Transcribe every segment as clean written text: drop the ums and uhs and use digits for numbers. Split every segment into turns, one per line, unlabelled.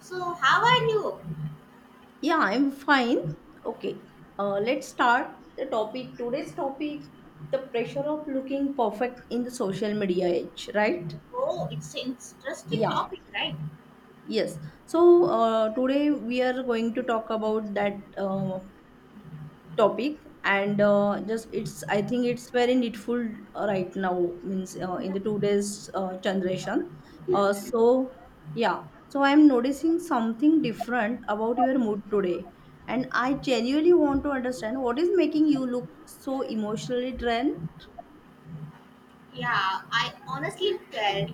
So, how are you?
Yeah, I'm fine. Okay, let's start the topic. Today's topic the pressure of looking perfect in the social media age, right?
Oh, it's an interesting
Yeah,
topic, right?
yes. So, today we are going to talk about that topic and just it's I think it's very needful right now means in the today's generation, so yeah. So I'm noticing something different about your mood today, and I genuinely want to understand what is making you look so emotionally drained.
Yeah, I honestly felt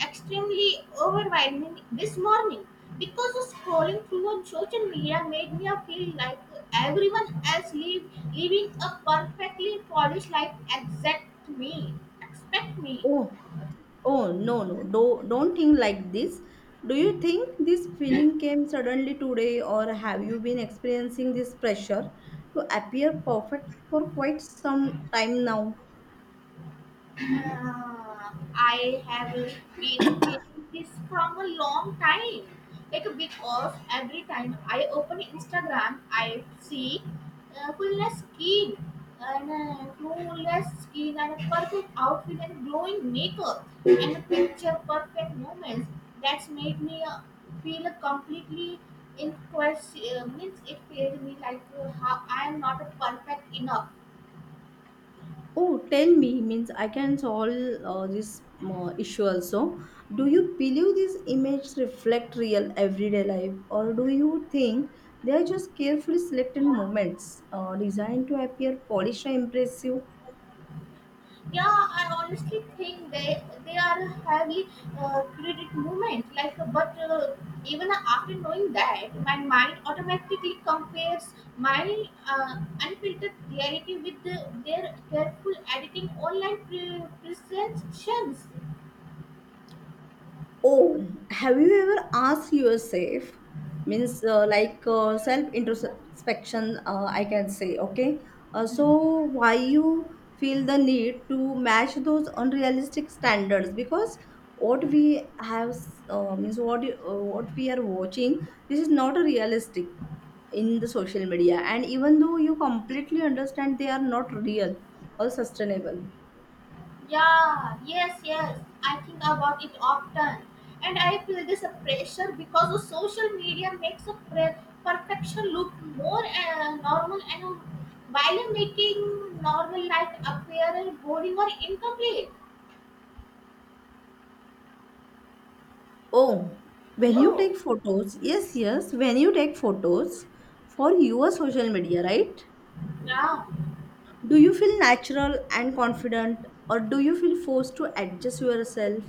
extremely overwhelming this morning because of scrolling through on social media made me feel like everyone else living a perfectly polished life except me. Expect me.
Oh, oh, no, no, don't think like this. Do you think this feeling came suddenly today, or have you been experiencing this pressure to appear perfect for quite some time now?
I have been feeling this from a long time. Like because every time I open Instagram, I see fullness skin and flawless skin and a perfect outfit and glowing makeup and a picture perfect moments. That's made me feel completely in question. Means it made me like how I am not perfect enough.
Oh, tell me, means I can solve this issue also. Do you believe this image reflect real everyday life, or do you think they are just carefully selected moments designed to appear polished and impressive?
Yeah, I honestly think they are a highly credit movement. Like, but even after knowing that, my mind automatically compares my unfiltered reality with their careful editing online presentations.
Oh, have you ever asked yourself, means like self introspection, I can say, okay? So, why you feel the need to match those unrealistic standards? Because what we have, means what, what we are watching, this is not realistic in the social media. And even though you completely understand they are not real or sustainable.
Yeah, yes, yes. I think about it often. And I feel this a pressure because the social media makes a perfection look more normal and while making normal life appear boring or incomplete.
Oh, when you
Hello.
take photos, yes, yes, when you take photos for your social media, right?
Yeah.
Do you feel natural and confident, or do you feel forced to adjust yourself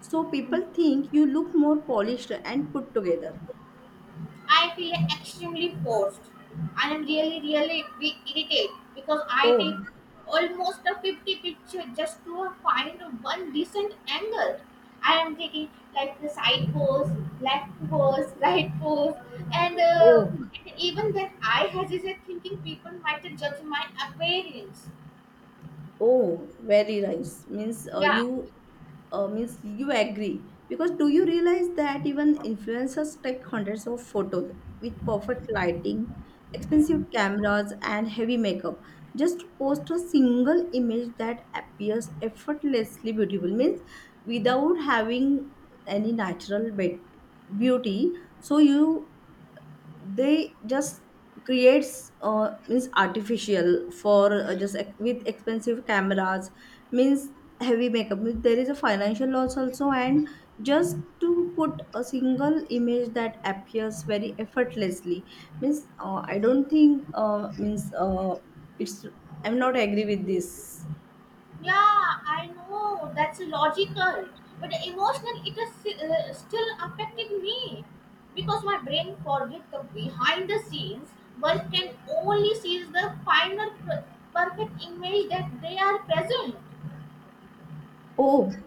so people think you look more polished and put together?
I feel extremely forced. I am really, really be irritated because I take
Oh,
almost a 50 picture just to find one decent angle. I am taking like the side pose, left pose, right pose, and,
oh.
uh, and even that I hesitate thinking people might judge my appearance.
Oh, very nice. Means
Yeah.
you means you agree because do you realize that even influencers take hundreds of photos with perfect lighting, expensive cameras, and heavy makeup just to post a single image that appears effortlessly beautiful means without having any natural beauty. So you they just creates means artificial for just with expensive cameras means heavy makeup means there is a financial loss also, and just to put a single image that appears very effortlessly means I don't think means it's I'm not agree with this.
Yeah, I know that's logical, but emotional it is still affecting me because my brain forgets the behind the scenes, but can only sees the final perfect image that they are present.
oh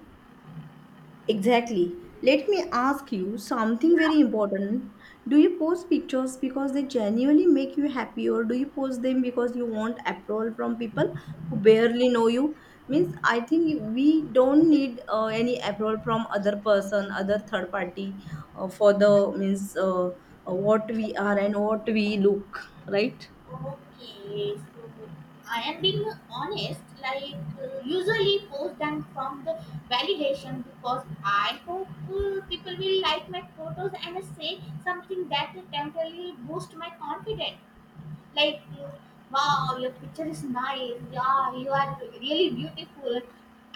Exactly. Let me ask you something
Yeah.
very important. Do you post pictures because they genuinely make you happy, or do you post them because you want approval from people who barely know you? Means, I think we don't need any approval from other person, other third party, for the means what we are and what we look, right?
Okay, so I am being honest. Like usually post them from the validation because I hope people will like my photos and say something that will temporarily boost my confidence. Like, wow, your picture is nice. Yeah, you are really beautiful.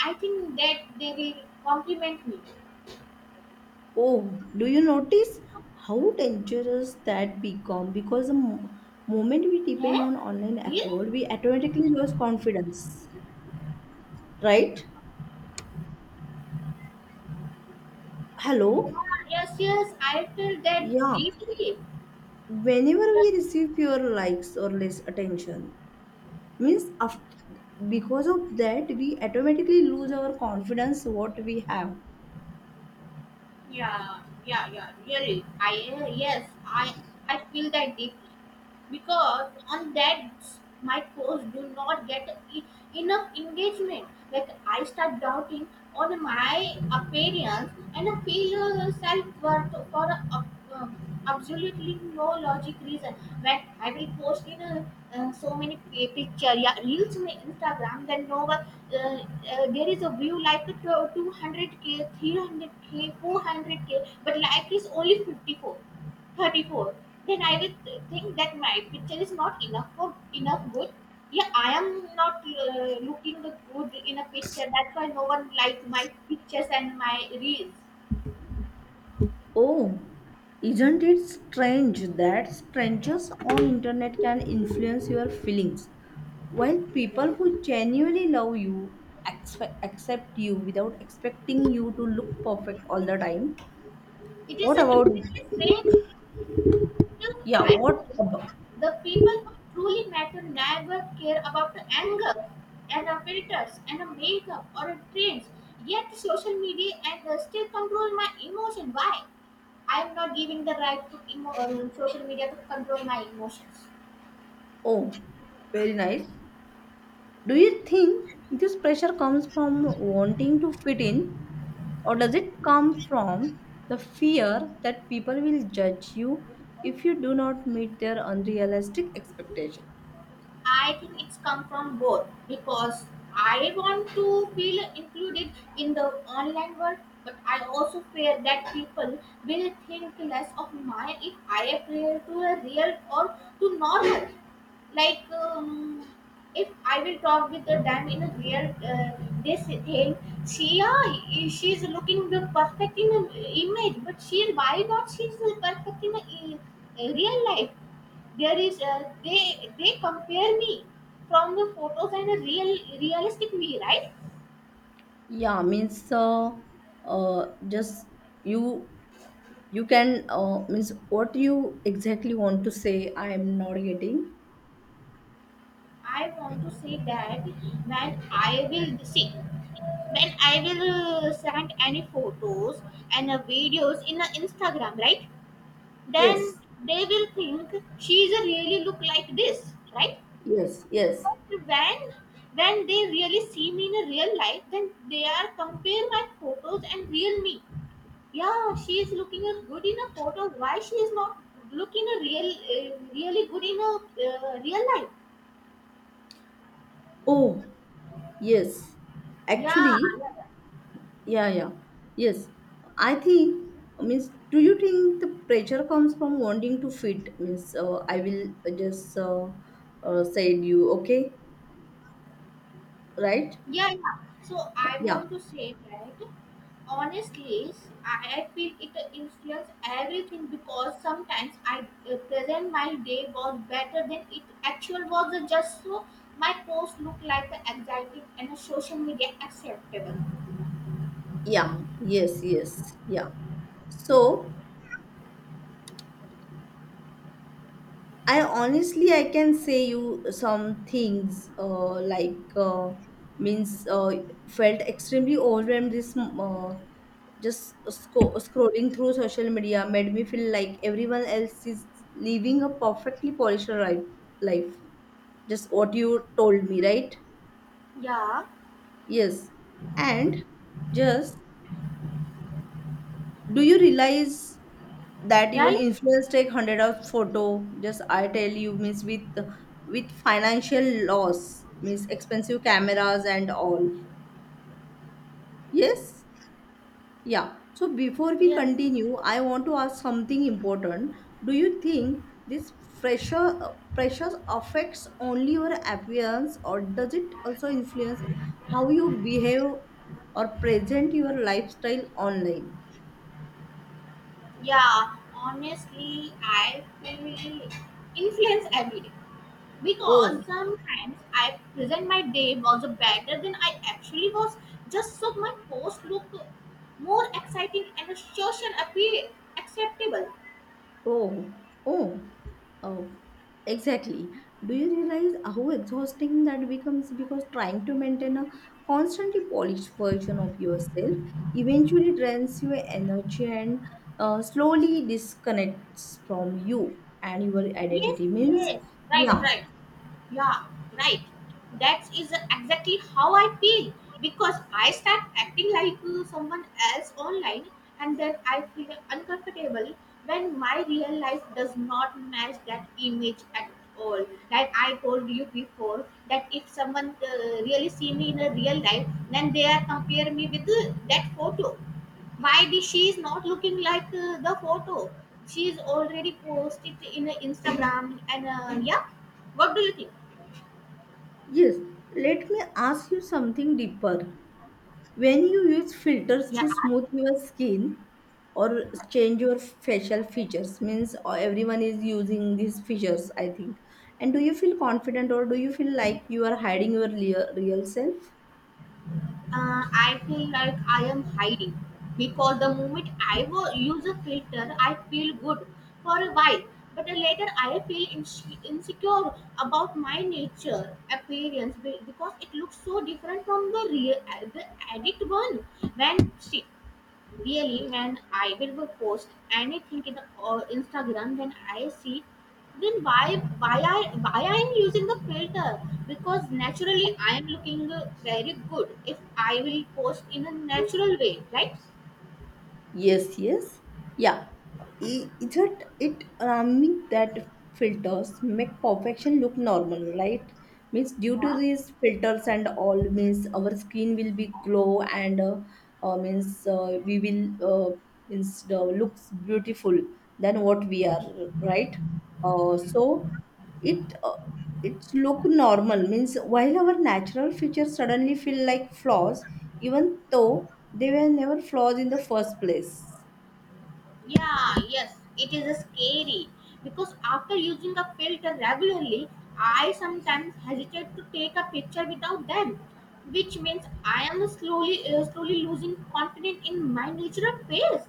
I think that they will compliment me.
Oh, do you notice how dangerous that become? Because the moment we depend
Yeah,
on online
really?
approval, we automatically lose confidence, right?
Yeah,
Hello?
yes, yes. I feel that
Yeah.
deeply.
Whenever
Yeah.
we receive your likes or less attention, means after, because of that, we automatically lose our confidence what we have.
Yeah, yeah, really, I yes I feel that deeply because on that my posts do not get enough engagement. Like, I start doubting on my appearance and I feel self-worth for uh, absolutely no logic reason. When I will post in so many picture, yeah, reels in Instagram, then no one uh, there is a view like a 200K 300K 400K but like is only 54 34. Then I will think that my picture is not enough for enough good. Yeah, I am not looking the good in a picture, that's why no one likes my pictures and my reels.
Oh, isn't it strange that strangers on internet can influence your feelings while people who genuinely love you accept you without expecting you to look perfect all the time?
It is
What
a
about?
absolutely strange to
Yeah,
I
what about?
think the people who truly matter never care about the anger and the filters and the makeup or the trends, yet social media and still control my emotion. Why I am not giving the right to social media to control my emotions.
Oh, very nice. Do you think this pressure comes from wanting to fit in, or does it come from the fear that people will judge you if you do not meet their unrealistic expectation?
I think it's come from both because I want to feel included in the online world, but I also fear that people will think less of mine if I appear to a real or to normal. Like, if I will talk with them in a real this thing, she yeah, she's looking the perfect in an image, but she why not she's the perfect in a real life? There is they compare me from the photos and a real realistic me, right?
Yeah, means just you you can means what you exactly want to say. I am not getting.
I want to say that when I will send any photos and videos in Instagram, right? Then
Yes,
they will think she's a really look like this, right?
yes, yes.
But when they really see me in a real life, then they are compare my photos and real me. Yeah, she is looking as good in a photo. Why she is not looking really good in a real life?
Oh, yes.
Yeah,
Actually,
yeah, yeah.
yeah, yeah. Yes. I think means do you think the pressure comes from wanting to fit means I will just say you okay, right?
Yeah, yeah. So I
Yeah.
want to say that honestly, I feel it influences everything because sometimes I present my day was better than it actual was just so my post look like the exciting and the social media acceptable.
Yeah. Yes, yes. Yeah. So I honestly I can say you some things like means felt extremely overwhelmed this just scrolling through social media made me feel like everyone else is living a perfectly polished life just what you told me, right?
Yeah,
Yes. And just do you realize that
yeah,
even
yeah.
influencers take hundred of photo? Just I tell you, means with financial loss, means expensive cameras and all. Yes, yeah. So before we
Yes.
continue, I want to ask something important. Do you think this pressure pressure affects only your appearance, or does it also influence how you behave or present your lifestyle online?
Yeah, honestly, I feel influence every day. Because
Oh,
sometimes I present my day was better than I actually was, just so my post look more exciting and social appeal acceptable.
oh, oh, oh, exactly. Do you realize how exhausting that becomes? Because trying to maintain a constantly polished version of yourself eventually drains your energy and slowly disconnects from you and your
Yes,
identity. Means,
yes, right,
yeah,
right. Yeah, right. That is exactly how I feel because I start acting like someone else online and then I feel uncomfortable when my real life does not match that image at all. Like I told you before, that if someone really see me in a real life, then they are compare me with that photo. Why did she is not looking like the photo she is already posted in Instagram? And yeah, what do you think?
yes. Let me ask you something deeper. When you use filters to
Yeah,
smooth your skin or change your facial features, means everyone is using these features, I think. And do you feel confident, or do you feel like you are hiding your real self?
uh, I feel like I am hiding because the moment I will use a filter, I feel good for a while, but then later I feel insecure about my nature appearance because it looks so different from the real the edit one. When see, really man I will post anything in the Instagram when I see, then why I am using the filter because naturally I am looking very good if I will post in a natural way, right?
Yes, yes. Yeah. Isn't it alarming that filters make perfection look normal, right? Means due to
Huh?
these filters and all means our skin will be glow and means we will means looks beautiful than what we are, right? So it it's look normal means while our natural features suddenly feel like flaws, even though they were never flaws in the first place.
Yeah, yes, it is a scary because after using a filter regularly, I sometimes hesitate to take a picture without them, which means I am slowly losing confidence in my natural face.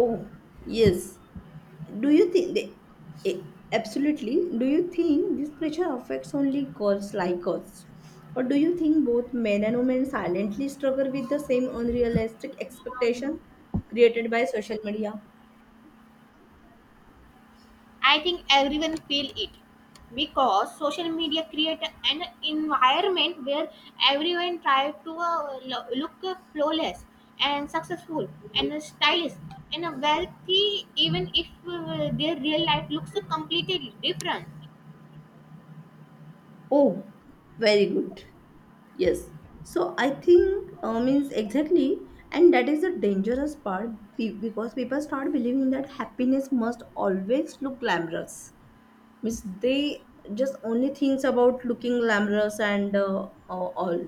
Oh, yes. Do you think they eh, absolutely do you think this pressure affects only girls like us, or do you think both men and women silently struggle with the same unrealistic expectation created by social media?
I think everyone feel it because social media create an environment where everyone try to look flawless and successful and stylish and wealthy even if their real life looks completely different.
Oh, very good. Yes. So I think means exactly, and that is the dangerous part because people start believing that happiness must always look glamorous. Means they just only thinks about looking glamorous and all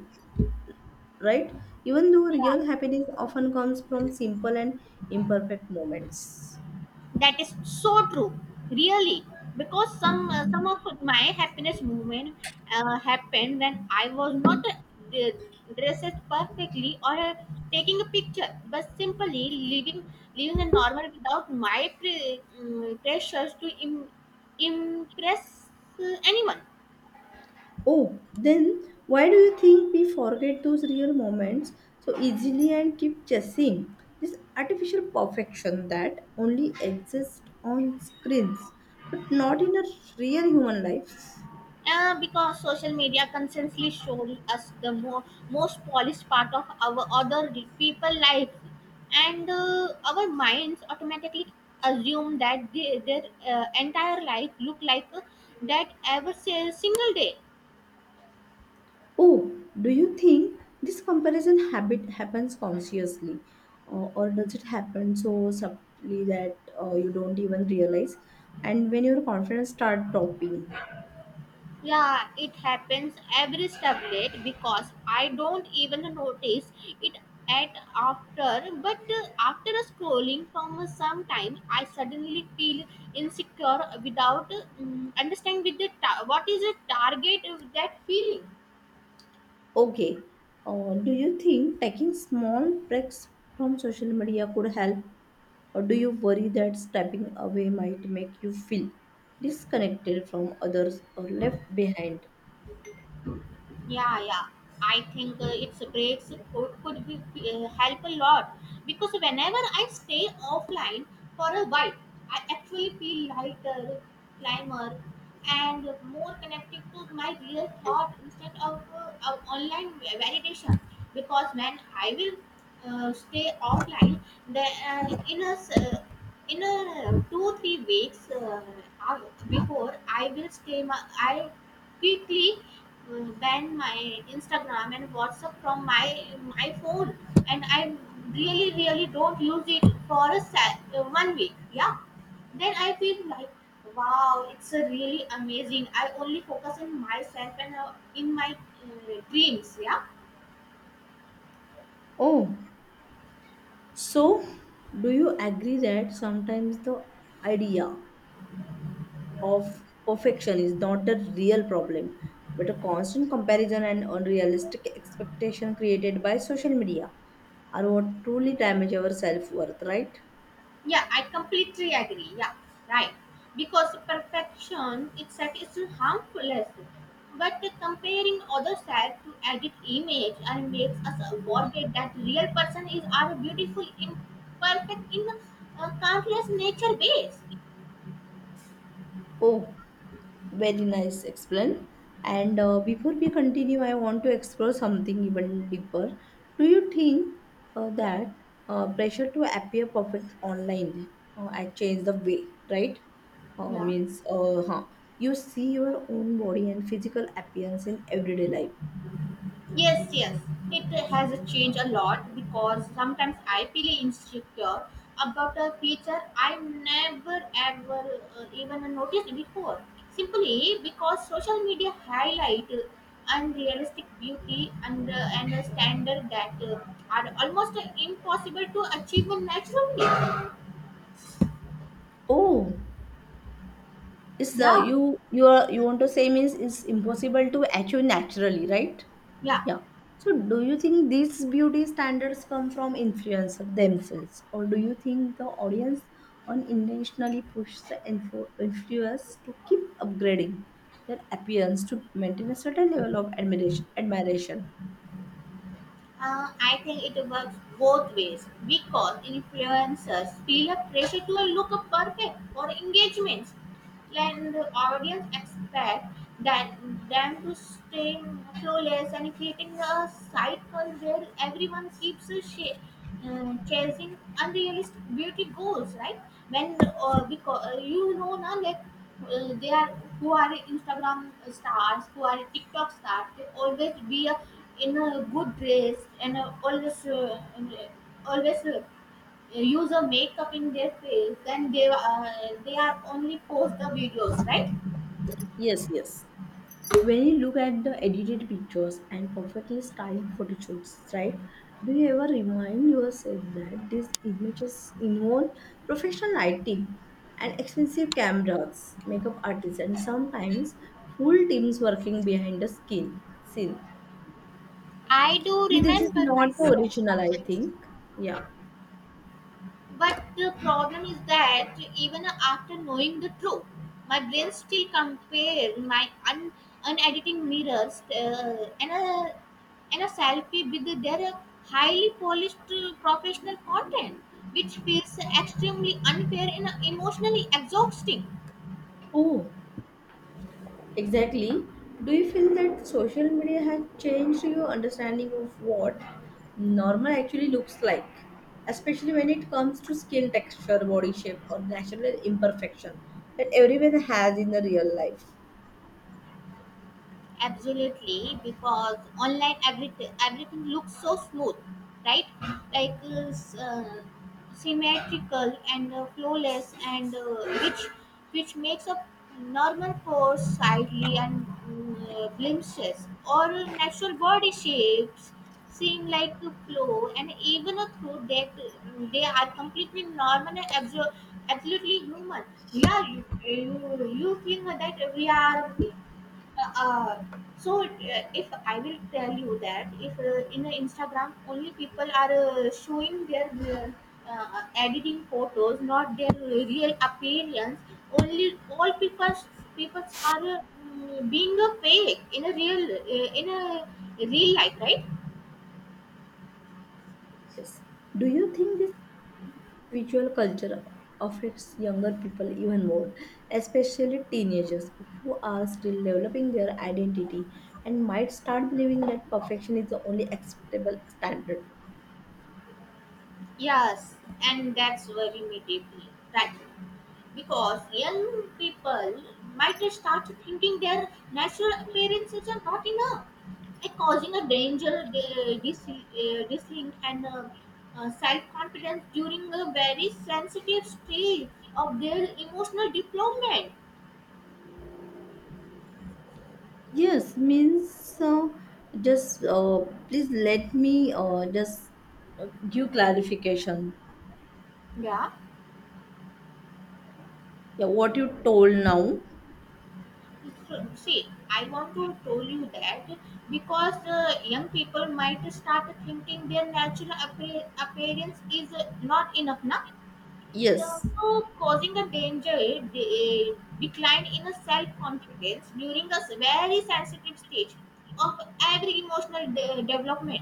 right. Even though real happiness often comes from simple and imperfect moments.
That is so true, really, because some of my happiness movement happened when I was not dressed perfectly or taking a picture but simply living living a normal without my pressures to impress anyone.
Oh, then why do you think we forget those real moments so easily and keep chasing this artificial perfection that only exists on screens but not in a real human life?
Because social media constantly shows us the most polished part of our other people life, and our minds automatically assume that their entire life look like that every single day.
Oh, do you think this comparison habit happens consciously or does it happen so subtly that you don't even realize? And when your confidence start dropping?
Yeah, it happens every tablet because I don't even notice it at after. But after scrolling from some time, I suddenly feel insecure without understanding with the what is the target of that feeling.
Okay. Do you think taking small breaks from social media could help, or do you worry that stepping away might make you feel disconnected from others or left behind?
Yeah, yeah, I think its breaks could help a lot because whenever I stay offline for a while, I actually feel lighter, climber and more connected to my real thought instead of online validation because when I will stay offline the uh, in a s- uh, in a 2-3 weeks before I will stay my I quickly ban my Instagram and WhatsApp from my phone, and I really really don't use it for one week. Yeah, then I feel like wow, it's a really amazing. I only focus on myself and in my dreams. Yeah.
Oh, so do you agree that sometimes the idea of perfection is not a real problem, but a constant comparison and unrealistic expectation created by social media are what truly damage our self worth, right?
Yeah, I completely agree. Yeah, right. Because perfection itself is harmless, but comparing other side to edit image and makes us forget that real person is our beautiful, imperfect in countless nature ways.
Oh, very nice explain. And before we continue, I want to explore something even deeper. Do you think that pressure to appear perfect online had changed the way, right?
Yeah.
Means, huh, you see your own body and physical appearance in everyday life.
Yes, yes. It has changed a lot because sometimes I feel insecure about a feature I never ever even noticed before. Simply because social media highlight unrealistic beauty and a standard that are almost impossible to achieve naturally.
Oh, it's
Yeah,
you want to say means it's impossible to achieve naturally, right?
yeah.
Yeah. So do you think these beauty standards come from influencers themselves, or do you think the audience unintentionally pushes the influencers to keep upgrading their appearance to maintain a certain level of admiration?
I think it works both ways because influencers feel a pressure to look perfect for engagements, and audience expect that them to stay flawless and creating a cycle where everyone keeps chasing unrealistic beauty goals, right? When because now, like they are. Who are Instagram stars, who are TikTok stars, they always be a, in a good dress and always use a makeup in their face, then they are only post the videos, right?
Yes. Yes. When you look at the edited pictures and perfectly styled photo shoots, right? Do you ever remind yourself that these images involve professional lighting and expensive cameras, makeup artists, and sometimes full teams working behind the skin scene?
I do
This is
remember
not the
myself
original, I
sometimes,
think. Yeah.
but the problem is that even after knowing the truth, my brain still compare my unediting mirrors and a selfie with their highly polished professional content, which feels extremely unfair and emotionally exhausting.
Oh, exactly. Do you feel that social media has changed your understanding of what normal actually looks like? Especially when it comes to skin texture, body shape, or natural imperfection that everyone has in the real life.
Absolutely, because online everything looks so smooth, right? Like symmetrical and flawless and which makes a normal pores slightly and glimpses or natural body shapes seem like a flow and even a through that they are completely normal and absolutely human. Yeah, you think that we are uh, so if I will tell you that if in the Instagram only people are showing their editing photos not their real appearance. Only all people are being a fake in a real life, right?
Yes. Do you think this visual culture affects younger people even more, especially teenagers who are still developing their identity and might start believing that perfection is the only acceptable standard?
Yes, and that's very me deeply, right? Because young people might start thinking their natural appearances are not enough and causing a danger, dislink, and self-confidence during a very sensitive stage of their emotional development.
Yes, means just please let me just give clarification.
Yeah.
Yeah, what you told now.
So, see, I want to tell you that because young people might start thinking their natural appearance is not enough, na?
Yes,
Therefore, causing a danger de- decline in the self-confidence during a very sensitive stage of every emotional development.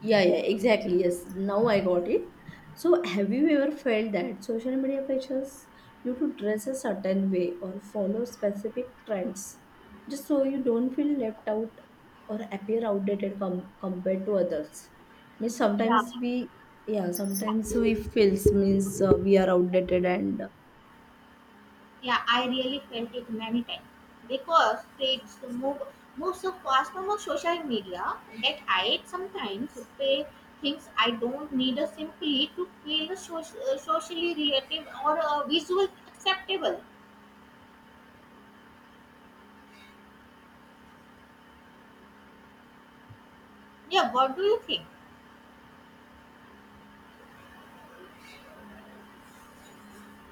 yeah, yeah, exactly. Yes, now I got it. So, have you ever felt that social media pressures you to dress a certain way or follow specific trends just so you don't feel left out or appear outdated compared to others? Means
Yeah,
sometimes we, yeah,
yeah,
sometimes we feels means we are outdated and
yeah. I really felt it many times because kids move move so fast on the social media that I sometimes say things I don't need simply to feel socially relative or visual acceptable. Yeah, what do you think?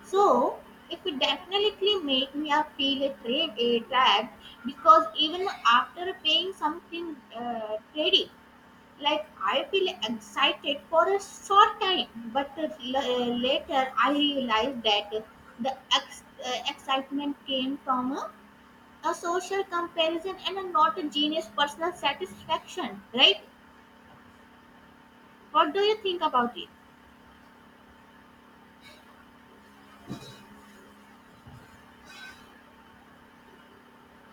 So it would definitely make me a feel a trade a drag because even after paying something trading, like I feel excited for a short time, but later I realized that the excitement came from a social comparison and a not a genius personal satisfaction. Right? What do you think about it?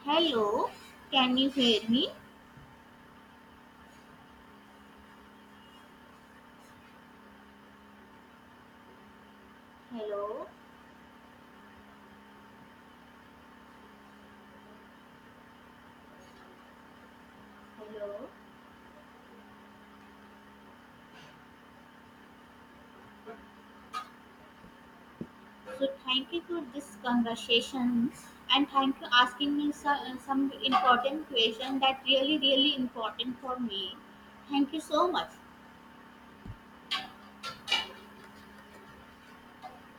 Hello, can you hear me? Hello, hello. So thank you for this conversation and thank you asking me some important question that really really important for me. Thank you so much.